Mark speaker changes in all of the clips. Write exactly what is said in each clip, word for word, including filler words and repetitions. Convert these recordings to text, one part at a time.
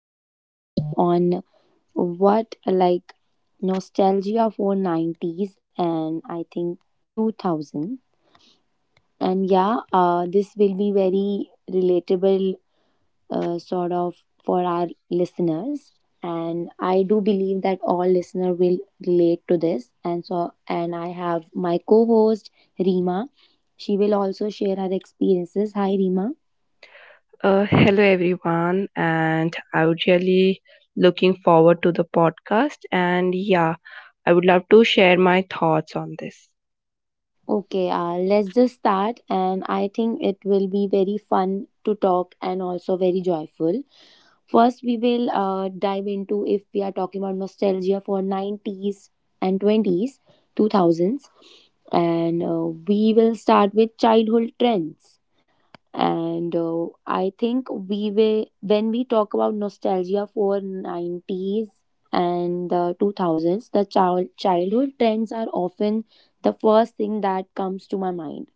Speaker 1: a podcast on what like nostalgia for nineties and I think two thousand. And yeah, uh, this will be very relatable uh, sort of for our listeners. And I do believe that all listener will relate to this. And so, and I have my co-host Rima. She will also share her experiences. Hi, Rima.
Speaker 2: Uh, hello, everyone, and I would really looking forward to the podcast. And yeah, I would love to share my thoughts on this.
Speaker 1: Okay, uh, let's just start, and I think it will be very fun to talk and also very joyful. First, we will uh, dive into if we are talking about nostalgia for nineties and twenties two thousands, and uh, we will start with childhood trends and uh, I think we will when we talk about nostalgia for nineties and the two thousands, the child childhood trends are often the first thing that comes to my mind,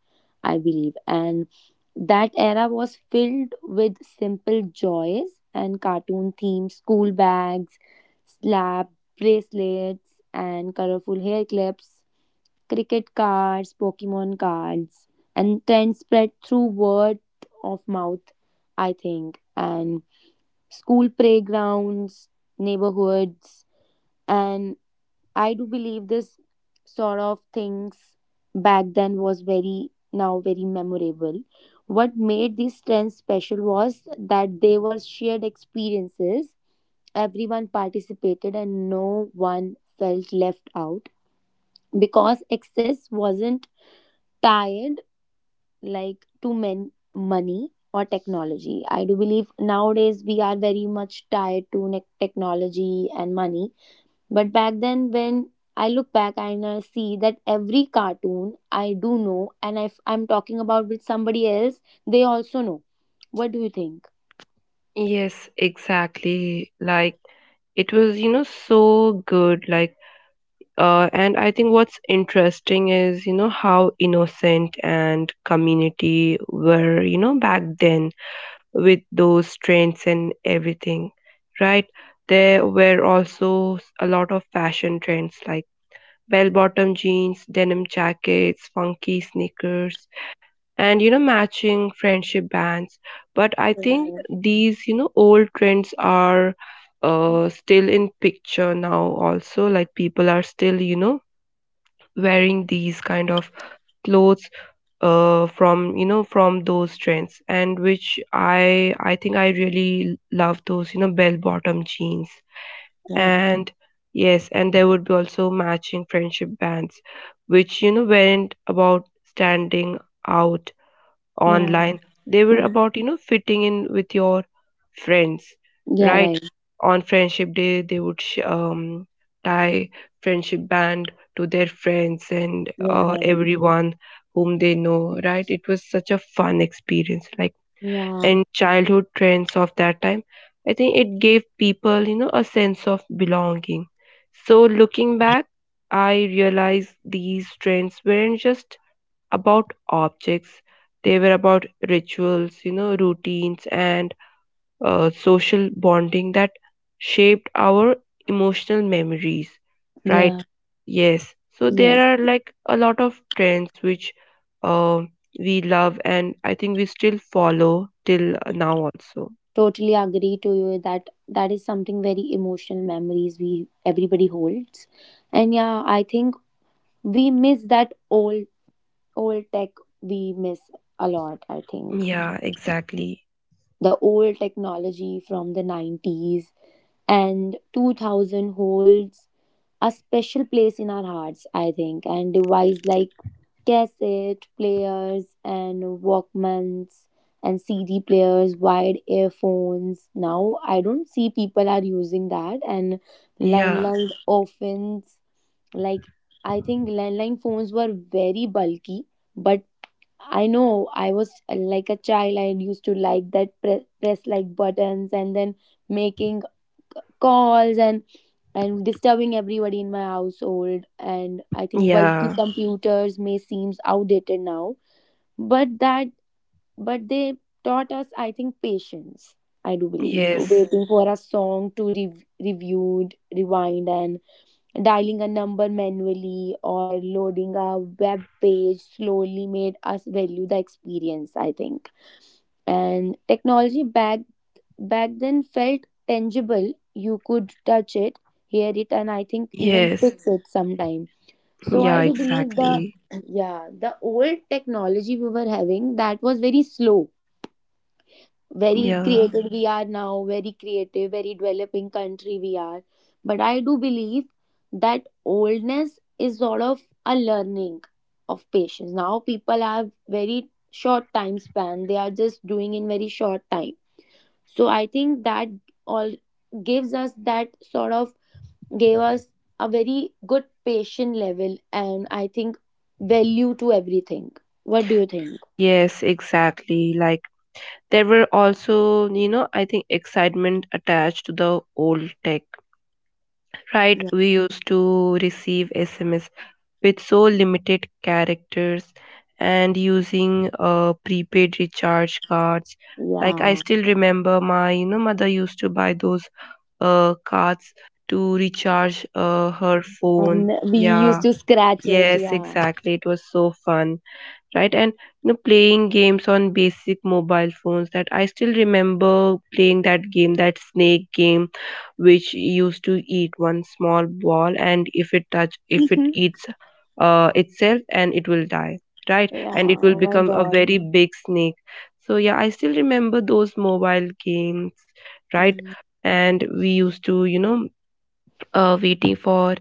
Speaker 1: I believe. And that era was filled with simple joys and cartoon themes, school bags, slab bracelets and colorful hair clips, cricket cards, Pokemon cards, and trends spread through word of mouth, I think, and school playgrounds, neighborhoods, and I do believe this sort of things back then was very now very memorable. What made these trends special was that they were shared experiences. Everyone participated and no one felt left out because excess wasn't tired like to men- money or technology. I do believe nowadays we are very much tied to ne- technology and money. But back then, when I look back and I see that every cartoon I do know, and if I'm talking about with somebody else, they also know. What do you think?
Speaker 2: Yes, exactly. Like it was, you know, so good. Like, uh, and I think what's interesting is, you know, how innocent and community were, you know, back then with those trends and everything, right? There were also a lot of fashion trends like bell bottom jeans, denim jackets, funky sneakers, and you know, matching friendship bands. But I think
Speaker 1: Right,
Speaker 2: these, you know, old trends are uh, still in picture now, also. Like people are still, you know, wearing these kind of clothes uh, from you know from those trends, and which i i think I really love those, you know, bell bottom jeans.
Speaker 1: right.
Speaker 2: And yes, and there would be also matching friendship bands, which you know weren't about standing out
Speaker 1: Yeah.
Speaker 2: online. They were about you know fitting in with your friends,
Speaker 1: Yeah,
Speaker 2: right?
Speaker 1: right.
Speaker 2: On friendship day, they would sh- um, tie friendship band to their friends, and
Speaker 1: Yeah,
Speaker 2: uh,
Speaker 1: right.
Speaker 2: everyone whom they know, right? It was such a fun experience. Like,
Speaker 1: Yeah,
Speaker 2: and childhood trends of that time, I think it gave people, you know, a sense of belonging. So looking back, I realized these trends weren't just about objects. They were about rituals, you know, routines and uh, social bonding that shaped our emotional memories,
Speaker 1: yeah,
Speaker 2: right? Yes. So there
Speaker 1: yes.
Speaker 2: are like a lot of trends which uh, we love, and I think we still follow till now also.
Speaker 1: Totally agree to you that that is something very emotional memories we everybody holds. And yeah, I think we miss that old old tech, we miss a lot, I think.
Speaker 2: Yeah, exactly.
Speaker 1: The old technology from the nineties and two thousand holds a special place in our hearts, I think. And device like cassette players and Walkmans and C D players, wired earphones. Now I don't see people are using that, and
Speaker 2: Yeah.
Speaker 1: landline often, like, I think landline phones were very bulky, but I know I was uh, like a child. I used to like that pre- press like buttons and then making calls and and disturbing everybody in my household. And I think bulky
Speaker 2: Yeah.
Speaker 1: computers may seems outdated now, but that but they taught us, I think, patience. I do believe
Speaker 2: Yes.
Speaker 1: waiting for a song to re- reviewed rewind and dialing a number manually or loading a web page slowly made us value the experience, I think. And technology back back then felt tangible. You could touch it, hear it, and I think even
Speaker 2: Yes.
Speaker 1: fix it sometime. So
Speaker 2: Yeah,
Speaker 1: I do believe the
Speaker 2: exactly.
Speaker 1: yeah the old technology we were having that was very slow, very
Speaker 2: Yeah.
Speaker 1: created we are now, very creative, very developing country we are. But I do believe that oldness is sort of a learning of patience. Now people have very short time span. They are just doing in very short time, so I think that all gives us that sort of gave us a very good patient level, and I think value to everything. What do you think?
Speaker 2: Yes, exactly. Like there were also, you know, I think excitement attached to the old tech. Right,
Speaker 1: Yeah,
Speaker 2: we used to receive S M S with so limited characters and using uh, prepaid recharge cards. Like I
Speaker 1: yeah.
Speaker 2: still remember my you know mother used to buy those uh cards to recharge uh, her
Speaker 1: And we
Speaker 2: phone.
Speaker 1: used to
Speaker 2: Yeah.
Speaker 1: scratch it, yeah.
Speaker 2: Yes, exactly. It was so fun, right? And you know, playing games on basic mobile phones. That I still remember playing that game, that snake game, which used to eat one small ball, and if it touch, if it eats uh, itself, and it will die, right?
Speaker 1: Yeah,
Speaker 2: And it will
Speaker 1: oh my
Speaker 2: become a
Speaker 1: god.
Speaker 2: very big snake. So yeah, I still remember those mobile games, right?
Speaker 1: Mm.
Speaker 2: And we used to, you know, uh, waiting for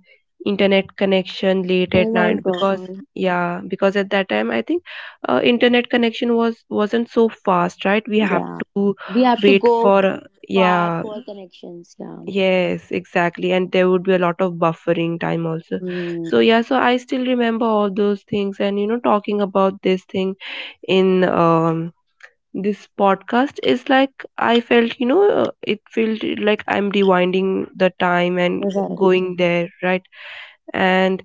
Speaker 2: internet connection late
Speaker 1: Oh
Speaker 2: at
Speaker 1: my
Speaker 2: night, because
Speaker 1: god,
Speaker 2: yeah, because at that time I think uh, internet connection was wasn't so fast, right? We have
Speaker 1: yeah,
Speaker 2: to
Speaker 1: we have to
Speaker 2: wait
Speaker 1: go
Speaker 2: for uh,
Speaker 1: far
Speaker 2: yeah.
Speaker 1: for connections, yeah.
Speaker 2: Yes, exactly, and there would be a lot of buffering time also.
Speaker 1: Mm.
Speaker 2: So yeah, so I still remember all those things. And you know, talking about this thing in um this podcast is like, I felt, you know, uh, it felt like I'm rewinding the time and
Speaker 1: Right.
Speaker 2: going there, right? And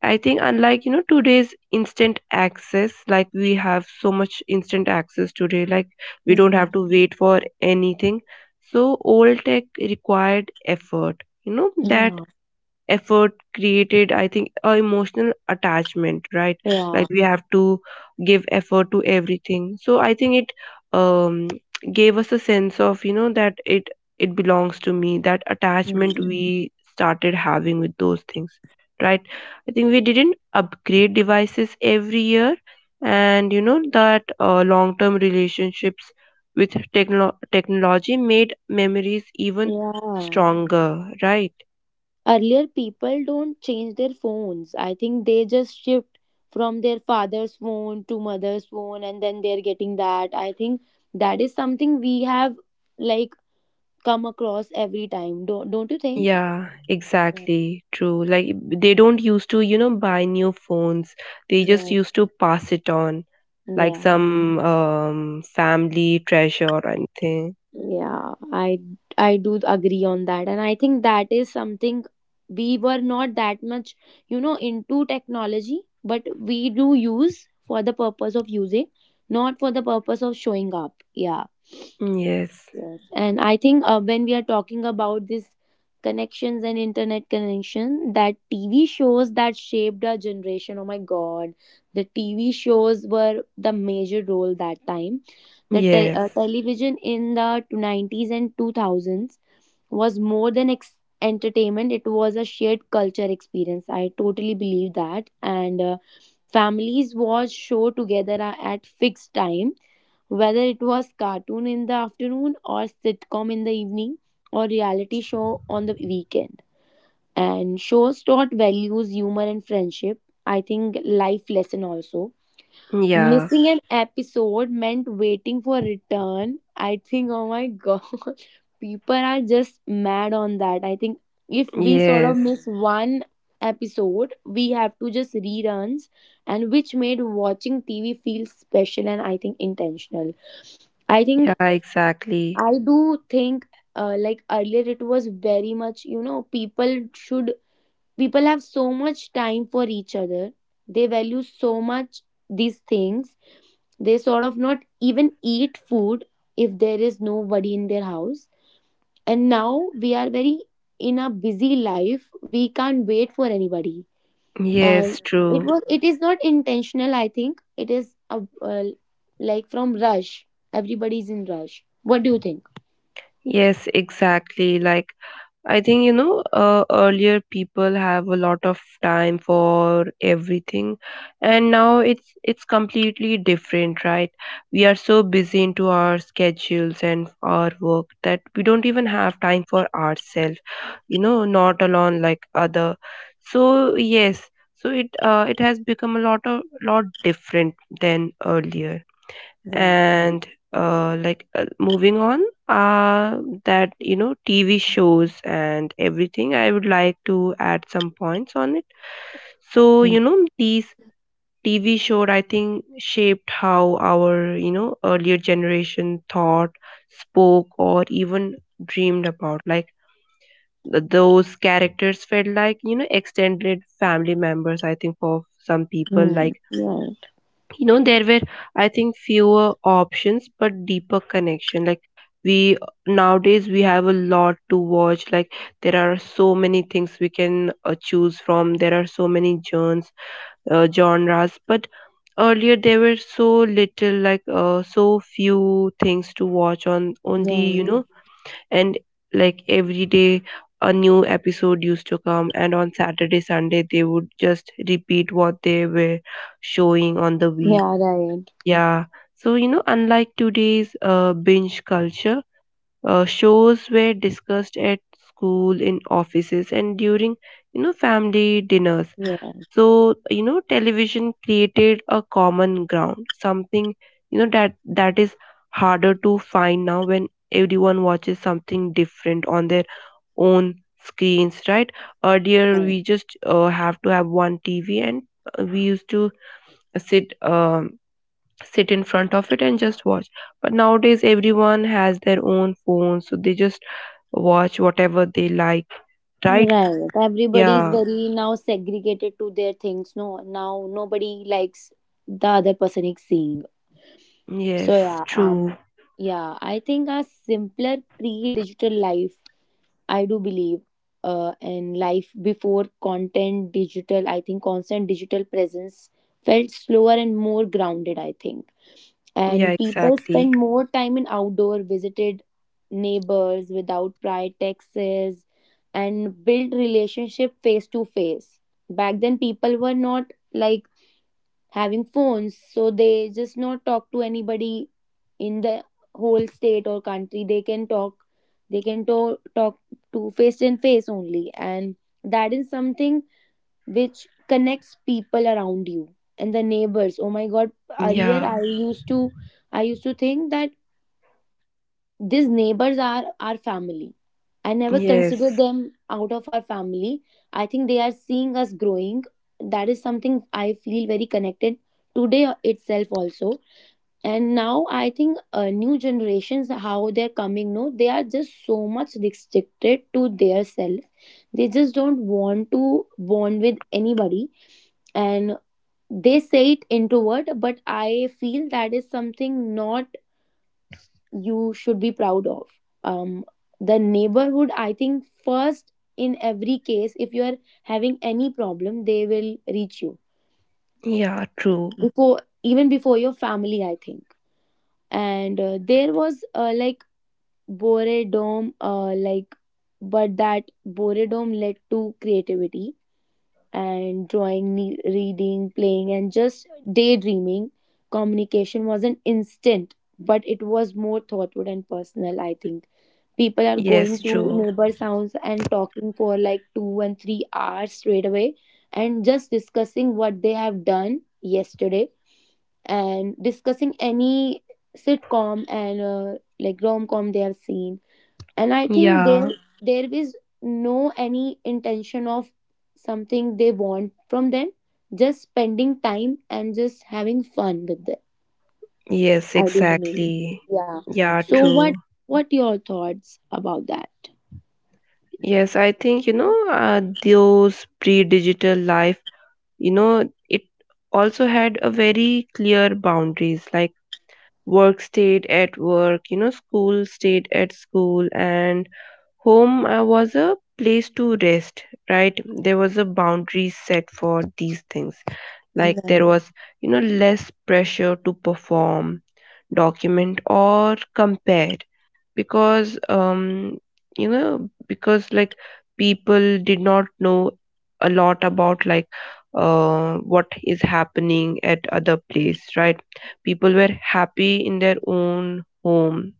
Speaker 2: I think, unlike, you know, today's instant access, like we have so much instant access today, like we don't have
Speaker 1: Mm.
Speaker 2: to wait for anything. So, old tech required effort, you know, that
Speaker 1: Yeah.
Speaker 2: effort created, I think, a emotional attachment, right?
Speaker 1: Yeah.
Speaker 2: Like we have to give effort to everything, so I think it um gave us a sense of you know that it it belongs to me. That attachment
Speaker 1: Mm.
Speaker 2: we started having with those things, right? I think we didn't upgrade devices every year, and you know that uh, long term relationships with techno- technology made memories even
Speaker 1: Yeah.
Speaker 2: stronger, right?
Speaker 1: Earlier, people don't change their phones. I think they just shift from their father's phone to mother's phone, and then they're getting that. I think that is something we have, like, come across every time. Don't don't you think?
Speaker 2: Yeah,
Speaker 1: Yeah,
Speaker 2: exactly. True. Like b- they don't used to, you know, buy new phones. They just
Speaker 1: yeah,
Speaker 2: used to pass it on like
Speaker 1: yeah.
Speaker 2: some um family treasure or anything.
Speaker 1: Yeah. I I do agree on that, and I think that is something we were not that much, you know, into technology, but we do use for the purpose of using, not for the purpose of showing up. Yeah.
Speaker 2: Mm, yes.
Speaker 1: Yes, and I think uh, when we are talking about these connections and internet connection, that T V shows that shaped our generation. Oh my God, the T V shows were the major role that time. The te-
Speaker 2: Yes.
Speaker 1: uh, television in the nineties and two thousands was more than ex- entertainment. It was a shared culture experience, I totally believe that. And uh, families watched show together a- at fixed time, whether it was cartoon in the afternoon or sitcom in the evening or reality show on the weekend. And shows taught values, humor and friendship, I think life lesson also.
Speaker 2: Yeah.
Speaker 1: Missing an episode meant waiting for return. I think, oh my god, people are just mad on that. I think if we sort
Speaker 2: Yes.
Speaker 1: of miss one episode, we have to just reruns, and which made watching T V feel special and I think intentional. I think
Speaker 2: Yeah, exactly.
Speaker 1: I do think uh, like earlier it was very much, you know, people should people have so much time for each other. They value so much these things. They sort of not even eat food if there is nobody in their house. And now we are very in a busy life. We can't wait for anybody. And
Speaker 2: Yes,
Speaker 1: it
Speaker 2: true.
Speaker 1: was it is not intentional. I think it is a, uh, like, from rush. Everybody's in rush. What do you think?
Speaker 2: Yes, exactly. Like I think you know uh, earlier people have a lot of time for everything, and now it's it's completely different, right? We are so busy into our schedules and our work that we don't even have time for ourselves, you know, not alone like other. So yes, so it uh, it has become a lot of lot different than earlier.
Speaker 1: Right.
Speaker 2: And uh, like uh, moving on, uh that you know TV shows and everything, I would like to add some points on it. So
Speaker 1: Mm.
Speaker 2: you know these TV show, I think, shaped how our you know earlier generation thought, spoke or even dreamed about. Like th- those characters felt like you know extended family members, I think, for some people.
Speaker 1: Mm.
Speaker 2: Like you know there were, I think, fewer options but deeper connection. Like we nowadays we have a lot to watch. Like there are so many things we can uh, choose from. There are so many genres, uh, genres but earlier there were so little, like uh, so few things to watch on, only
Speaker 1: Yeah.
Speaker 2: you know. And like every day a new episode used to come, and on Saturday Sunday they would just repeat what they were showing on the
Speaker 1: Yeah.
Speaker 2: week.
Speaker 1: Yeah, right.
Speaker 2: Yeah. So, you know, unlike today's uh, binge culture, uh, shows were discussed at school, in offices, and during, you know, family dinners.
Speaker 1: Yeah.
Speaker 2: So, you know, television created a common ground, something, you know, that that is harder to find now, when everyone watches something different on their own screens, right? Earlier,
Speaker 1: Right.
Speaker 2: we just uh, have to have one T V, and uh, we used to sit. Um, sit in front of it and just watch. But nowadays everyone has their own phone, so they just watch whatever they like, right?
Speaker 1: Right. Everybody is
Speaker 2: Yeah.
Speaker 1: very now segregated to their things. No, now nobody likes the other person is seeing. So
Speaker 2: Yes,
Speaker 1: yeah, um,
Speaker 2: true.
Speaker 1: yeah, I think a simpler pre-digital life, I do believe, uh, and life before content digital, I think constant digital presence felt slower and more grounded, I think.
Speaker 2: Yeah,
Speaker 1: And people
Speaker 2: exactly.
Speaker 1: spend more time in outdoor, visited neighbors without prior texts, and built relationship face to face. Back then, people were not like having phones, so they just not talk to anybody in the whole state or country. They can talk, they can to- talk to face and face only, and that is something which connects people around you. And the neighbors, oh my god, earlier
Speaker 2: Yeah.
Speaker 1: i used to i used to think that these neighbors are our family. I never consider
Speaker 2: Yes.
Speaker 1: them out of our family. I think they are seeing us growing. That is something I feel very connected today itself also. And now I think uh, new generations, how they're coming, no, they are just so much restricted to their self. They just don't want to bond with anybody, and they say it introvert, but I feel that is something not you should be proud of. um the neighborhood, I think first in every case, if you are having any problem, they will reach you
Speaker 2: Yeah, true.
Speaker 1: before, even before your family, I think. And uh, there was, uh, like, boredom, uh, like, but that boredom led to creativity and drawing, ne- reading, playing and just daydreaming. Communication wasn't instant, but it was more thoughtful and personal, I think. People are going
Speaker 2: Yes,
Speaker 1: to
Speaker 2: true.
Speaker 1: neighbors' house and talking for like two and three hours straight away, and just discussing what they have done yesterday, and discussing any sitcom and uh, like rom-com they have seen. And I think there
Speaker 2: Yeah.
Speaker 1: there is no any intention of something they want from them, just spending time and just having fun with them,
Speaker 2: Yes,
Speaker 1: I do believe.
Speaker 2: exactly.
Speaker 1: Yeah.
Speaker 2: Yeah,
Speaker 1: So what
Speaker 2: true.
Speaker 1: what your thoughts about that?
Speaker 2: Yes, I think you know uh, those pre-digital life, you know, it also had a very clear boundaries. Like work stayed at work, you know, school stayed at school, and home uh, was a place to rest, right? There was a boundary set for these things. Like there
Speaker 1: Right,
Speaker 2: was, you know, less pressure to perform, document or compare, because um you know, because like people did not know a lot about like uh what is happening at other place, right? People were happy in their own home,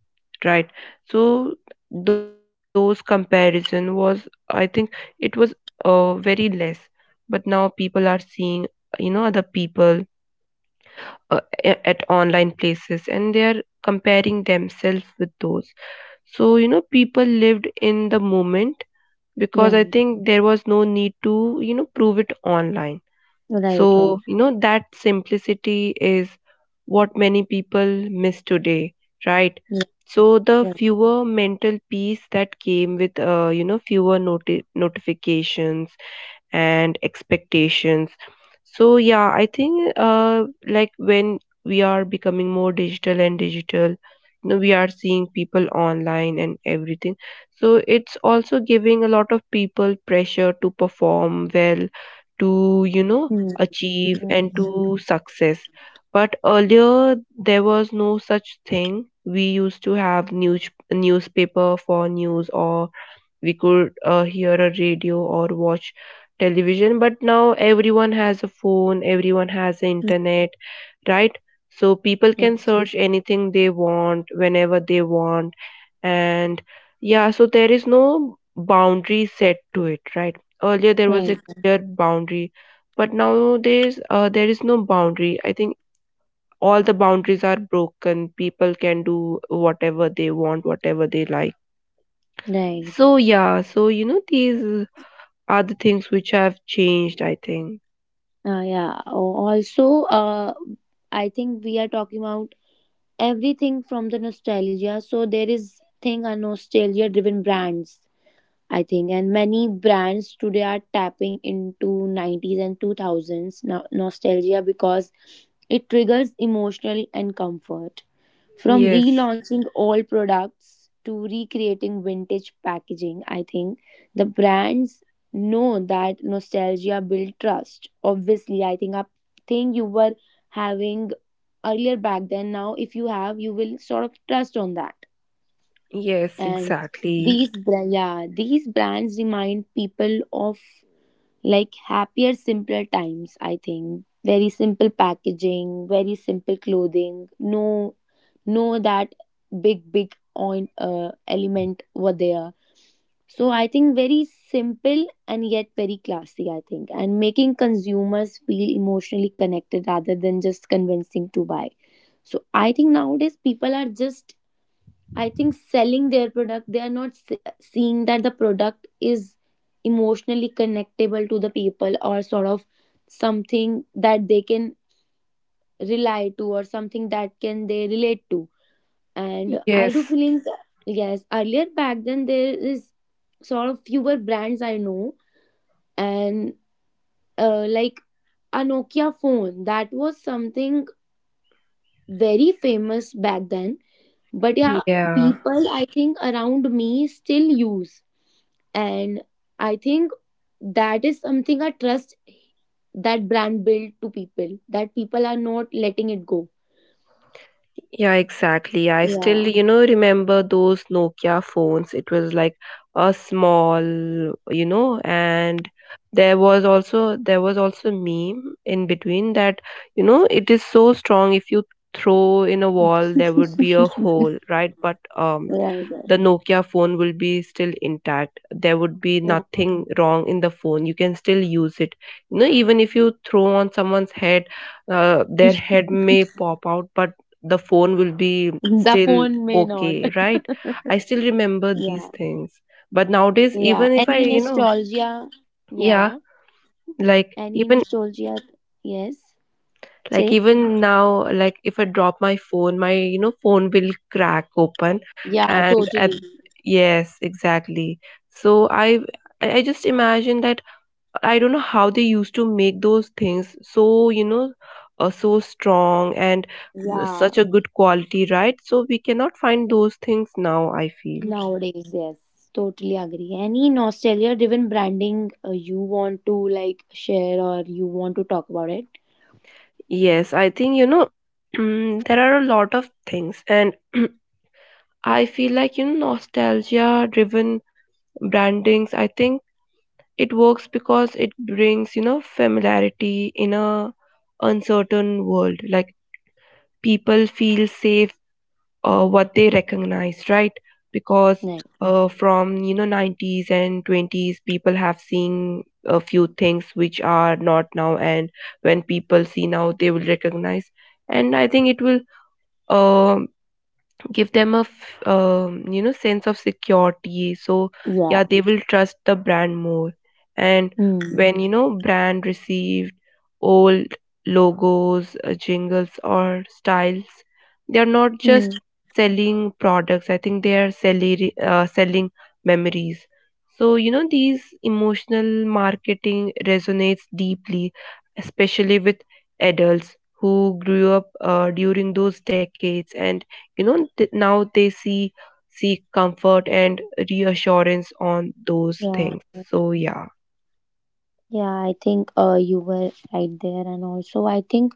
Speaker 2: right? So those comparison was, I think, it was uh very less. But now people are seeing, you know, other people uh, a- at online places, and they are comparing themselves with those. So, you know, people lived in the moment because I
Speaker 1: right.
Speaker 2: think there was no need to, you know, prove it online.
Speaker 1: Right, right.
Speaker 2: So, you know, that simplicity is what many people miss today, right?
Speaker 1: Yeah,
Speaker 2: So, the
Speaker 1: right.
Speaker 2: fewer mental peace that came with, uh, you know, fewer noti- notifications and expectations. So yeah, I think uh, like when we are becoming more digital and digital, you know, we are seeing people online and everything. So it's also giving a lot of people pressure to perform well, to you know
Speaker 1: Hmm,
Speaker 2: achieve and to success. But earlier there was no such thing. We used to have news newspaper for news, or we could uh, hear a radio or watch television. But now everyone has a phone, everyone has the internet, right? So people
Speaker 1: right,
Speaker 2: can search anything they want whenever they want. And yeah, so there is no boundary set to it, right? Earlier there
Speaker 1: right,
Speaker 2: was a
Speaker 1: right,
Speaker 2: clear boundary, but nowadays uh, there is no boundary, I think. All the boundaries are broken. People can do whatever they want, whatever they like.
Speaker 1: right.
Speaker 2: So yeah, so you know these are the things which have changed, I think.
Speaker 1: Uh, yeah. Oh, also, uh, I think we are talking about everything from the nostalgia. So there is thing are nostalgia-driven brands, I think, and many brands today are tapping into nineties and two thousands no- nostalgia because it triggers emotional and comfort. From
Speaker 2: Yes,
Speaker 1: relaunching all products to recreating vintage packaging, I think the brands know that nostalgia builds trust. Obviously, I think a thing you were having earlier back then, now if you have, you will sort of trust on that.
Speaker 2: yes,
Speaker 1: And
Speaker 2: exactly.
Speaker 1: these, bra- yeah, these brands remind people of like happier, simpler times, I think. Very simple packaging, very simple clothing, no know that big big on uh, element were there. So I think very simple and yet very classy, I think, and making consumers feel emotionally connected rather than just convincing to buy. So I think nowadays people are just, I think, selling their product. They are not se- seeing that the product is emotionally connectable to the people or sort of something that they can rely to or something that can they relate to, and I do
Speaker 2: Yes,
Speaker 1: feelings. Yes, earlier back then there is sort of fewer brands I know, and uh, like a Nokia phone, that was something very famous back then, but yeah,
Speaker 2: yeah.
Speaker 1: people I think around me still use, and I think that is something I trust, that brand built to people that people are not letting it go.
Speaker 2: Yeah, exactly. I
Speaker 1: Yeah,
Speaker 2: still, you know, remember those Nokia phones. It was like a small, you know, and there was also there was also meme in between that, you know, it is so strong. If you throw in a wall there would be a hole, right? But um
Speaker 1: right,
Speaker 2: the
Speaker 1: right.
Speaker 2: Nokia phone will be still intact. There would be
Speaker 1: Yeah,
Speaker 2: nothing wrong in the phone. You can still use it. You know, even if you throw on someone's head, uh, their head may pop out, but the phone will
Speaker 1: the
Speaker 2: be
Speaker 1: phone may
Speaker 2: still
Speaker 1: not.
Speaker 2: okay, right? I still
Speaker 1: Yeah.
Speaker 2: remember these things. But nowadays,
Speaker 1: Yeah.
Speaker 2: even
Speaker 1: Any
Speaker 2: if I, you know,
Speaker 1: nostalgia? Yeah.
Speaker 2: yeah, like
Speaker 1: Any
Speaker 2: even,
Speaker 1: nostalgia? Yes.
Speaker 2: like
Speaker 1: Say?
Speaker 2: even now, like if I drop my phone, my, you know, phone will crack open.
Speaker 1: Yeah,
Speaker 2: And at,
Speaker 1: totally.
Speaker 2: yes exactly. So i i I just imagine that I don't know how they used to make those things so, you know, uh, so strong and uh,
Speaker 1: Yeah.
Speaker 2: such a good quality, right? So we cannot find those things now, I feel.
Speaker 1: Nowadays, yes. Totally agree. Any nostalgia driven branding uh, you want to like share or you want to talk about it?
Speaker 2: Yes, I think, you know, there are a lot of things, and I feel like, you know, nostalgia driven brandings, I think, it works because it brings, you know, familiarity in a uncertain world. Like people feel safe uh, what they recognize, right? Because
Speaker 1: Right.
Speaker 2: uh, from you know nineties and twenties, people have seen a few things which are not now. And when people see now, they will recognize, and I think it will um give them a f- um, you know, sense of security. So
Speaker 1: Yeah.
Speaker 2: yeah, they will trust the brand more. And
Speaker 1: Mm.
Speaker 2: when you know brand received old logos, uh, jingles or styles, they are not
Speaker 1: Mm.
Speaker 2: just selling products. I think they are selling uh, selling memories. So you know these emotional marketing resonates deeply, especially with adults who grew up uh, during those decades. And you know th- now they see seek comfort and reassurance on those
Speaker 1: Yeah.
Speaker 2: things. So yeah.
Speaker 1: Yeah, I think uh, you were right there, and also I think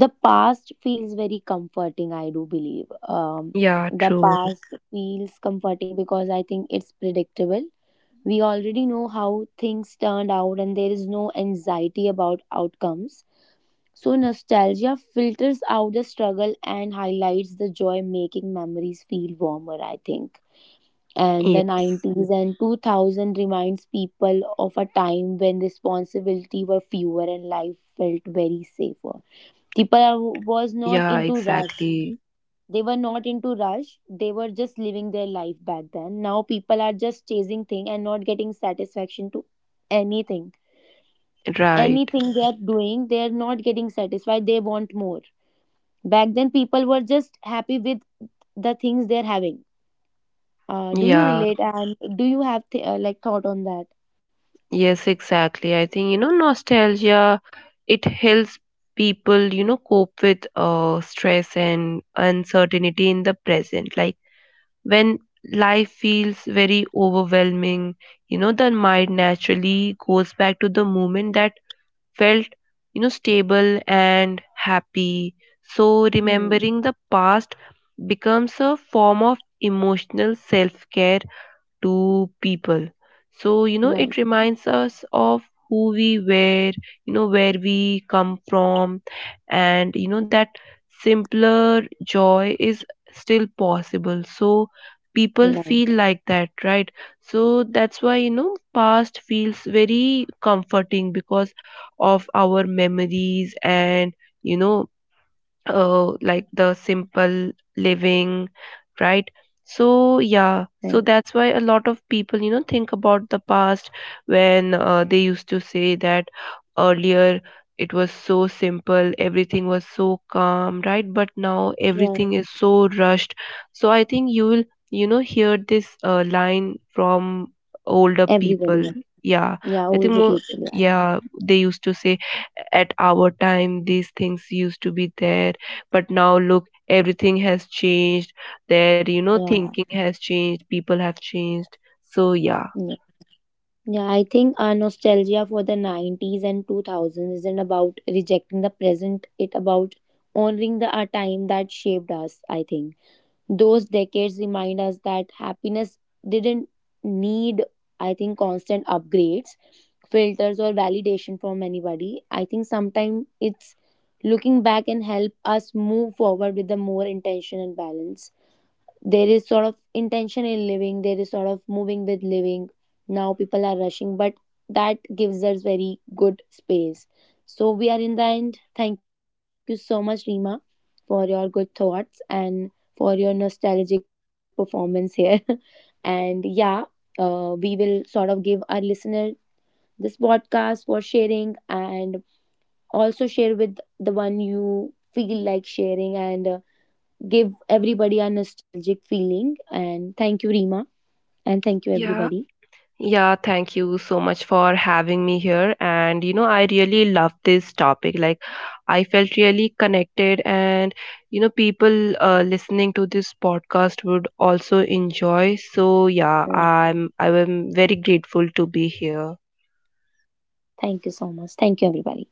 Speaker 1: the past feels very comforting, I do believe. Um,
Speaker 2: Yeah,
Speaker 1: the
Speaker 2: true.
Speaker 1: past feels comforting because I think it's predictable. We already know how things turned out, and there is no anxiety about outcomes. So, nostalgia filters out the struggle and highlights the joy, making memories feel warmer, I think. And the
Speaker 2: Yes.
Speaker 1: nineties and two thousand reminds people of a time when responsibility were fewer and life felt very safer. People are, was not
Speaker 2: Yeah,
Speaker 1: into rush,
Speaker 2: exactly.
Speaker 1: they were not into rush, they were just living their life back then. Now people are just chasing thing and not getting satisfaction to anything.
Speaker 2: Right.
Speaker 1: Anything they are doing they are not getting satisfied, they want more. Back then people were just happy with the things they're having. Uh, do you
Speaker 2: Yeah.
Speaker 1: relate and do you have th- uh, like thought on that?
Speaker 2: Yes, exactly, I think, you know, nostalgia, it helps people, you know, cope with uh stress and uncertainty in the present. Like when life feels very overwhelming, you know, the mind naturally goes back to the moment that felt, you know, stable and happy. So
Speaker 1: Hmm.
Speaker 2: remembering the past becomes a form of emotional self care to people. So, you know,
Speaker 1: Right,
Speaker 2: it reminds us of who we were, you know, where we come from, and you know, that simpler joy is still possible. So,
Speaker 1: right,
Speaker 2: people feel like that, right? So, that's why, you know, past feels very comforting because of our memories and, you know, uh, like the simple living, right? So, yeah, so
Speaker 1: right,
Speaker 2: that's why a lot of people, you know, think about the past, when uh, they used to say that earlier it was so simple, everything was so calm, right? But now everything
Speaker 1: right,
Speaker 2: is so rushed. So, I think you will, you know, hear this uh, line from older
Speaker 1: everybody,
Speaker 2: people. Yeah,
Speaker 1: yeah,
Speaker 2: I
Speaker 1: all
Speaker 2: think
Speaker 1: the
Speaker 2: more,
Speaker 1: people,
Speaker 2: yeah, they used to say at our time these things used to be there, but now look, everything has changed. Their you know
Speaker 1: yeah,
Speaker 2: thinking has changed, people have changed. So yeah.
Speaker 1: yeah. Yeah, I think our nostalgia for the nineties and two thousands isn't about rejecting the present, it about honoring the our time that shaped us, I think. Those decades remind us that happiness didn't need, I think, constant upgrades, filters or validation from anybody. I think sometimes it's looking back and help us move forward with the more intention and balance. There is sort of intention in living, there is sort of moving with living. Now people are rushing, but that gives us very good space. So we are in the end, thank you so much, Rima, for your good thoughts and for your nostalgic performance here. And yeah, uh, we will sort of give our listener this podcast for sharing, and also share with the one you feel like sharing, and uh, give everybody a nostalgic feeling. And thank you, Rima. And thank you,
Speaker 2: Yeah.
Speaker 1: everybody.
Speaker 2: Yeah, thank you so much for having me here. And you know, I really love this topic. Like, I felt really connected, and you know, people uh, listening to this podcast would also enjoy. So yeah,
Speaker 1: Yeah.
Speaker 2: I'm I am very grateful to be here.
Speaker 1: Thank you so much. Thank you, everybody. Thank you.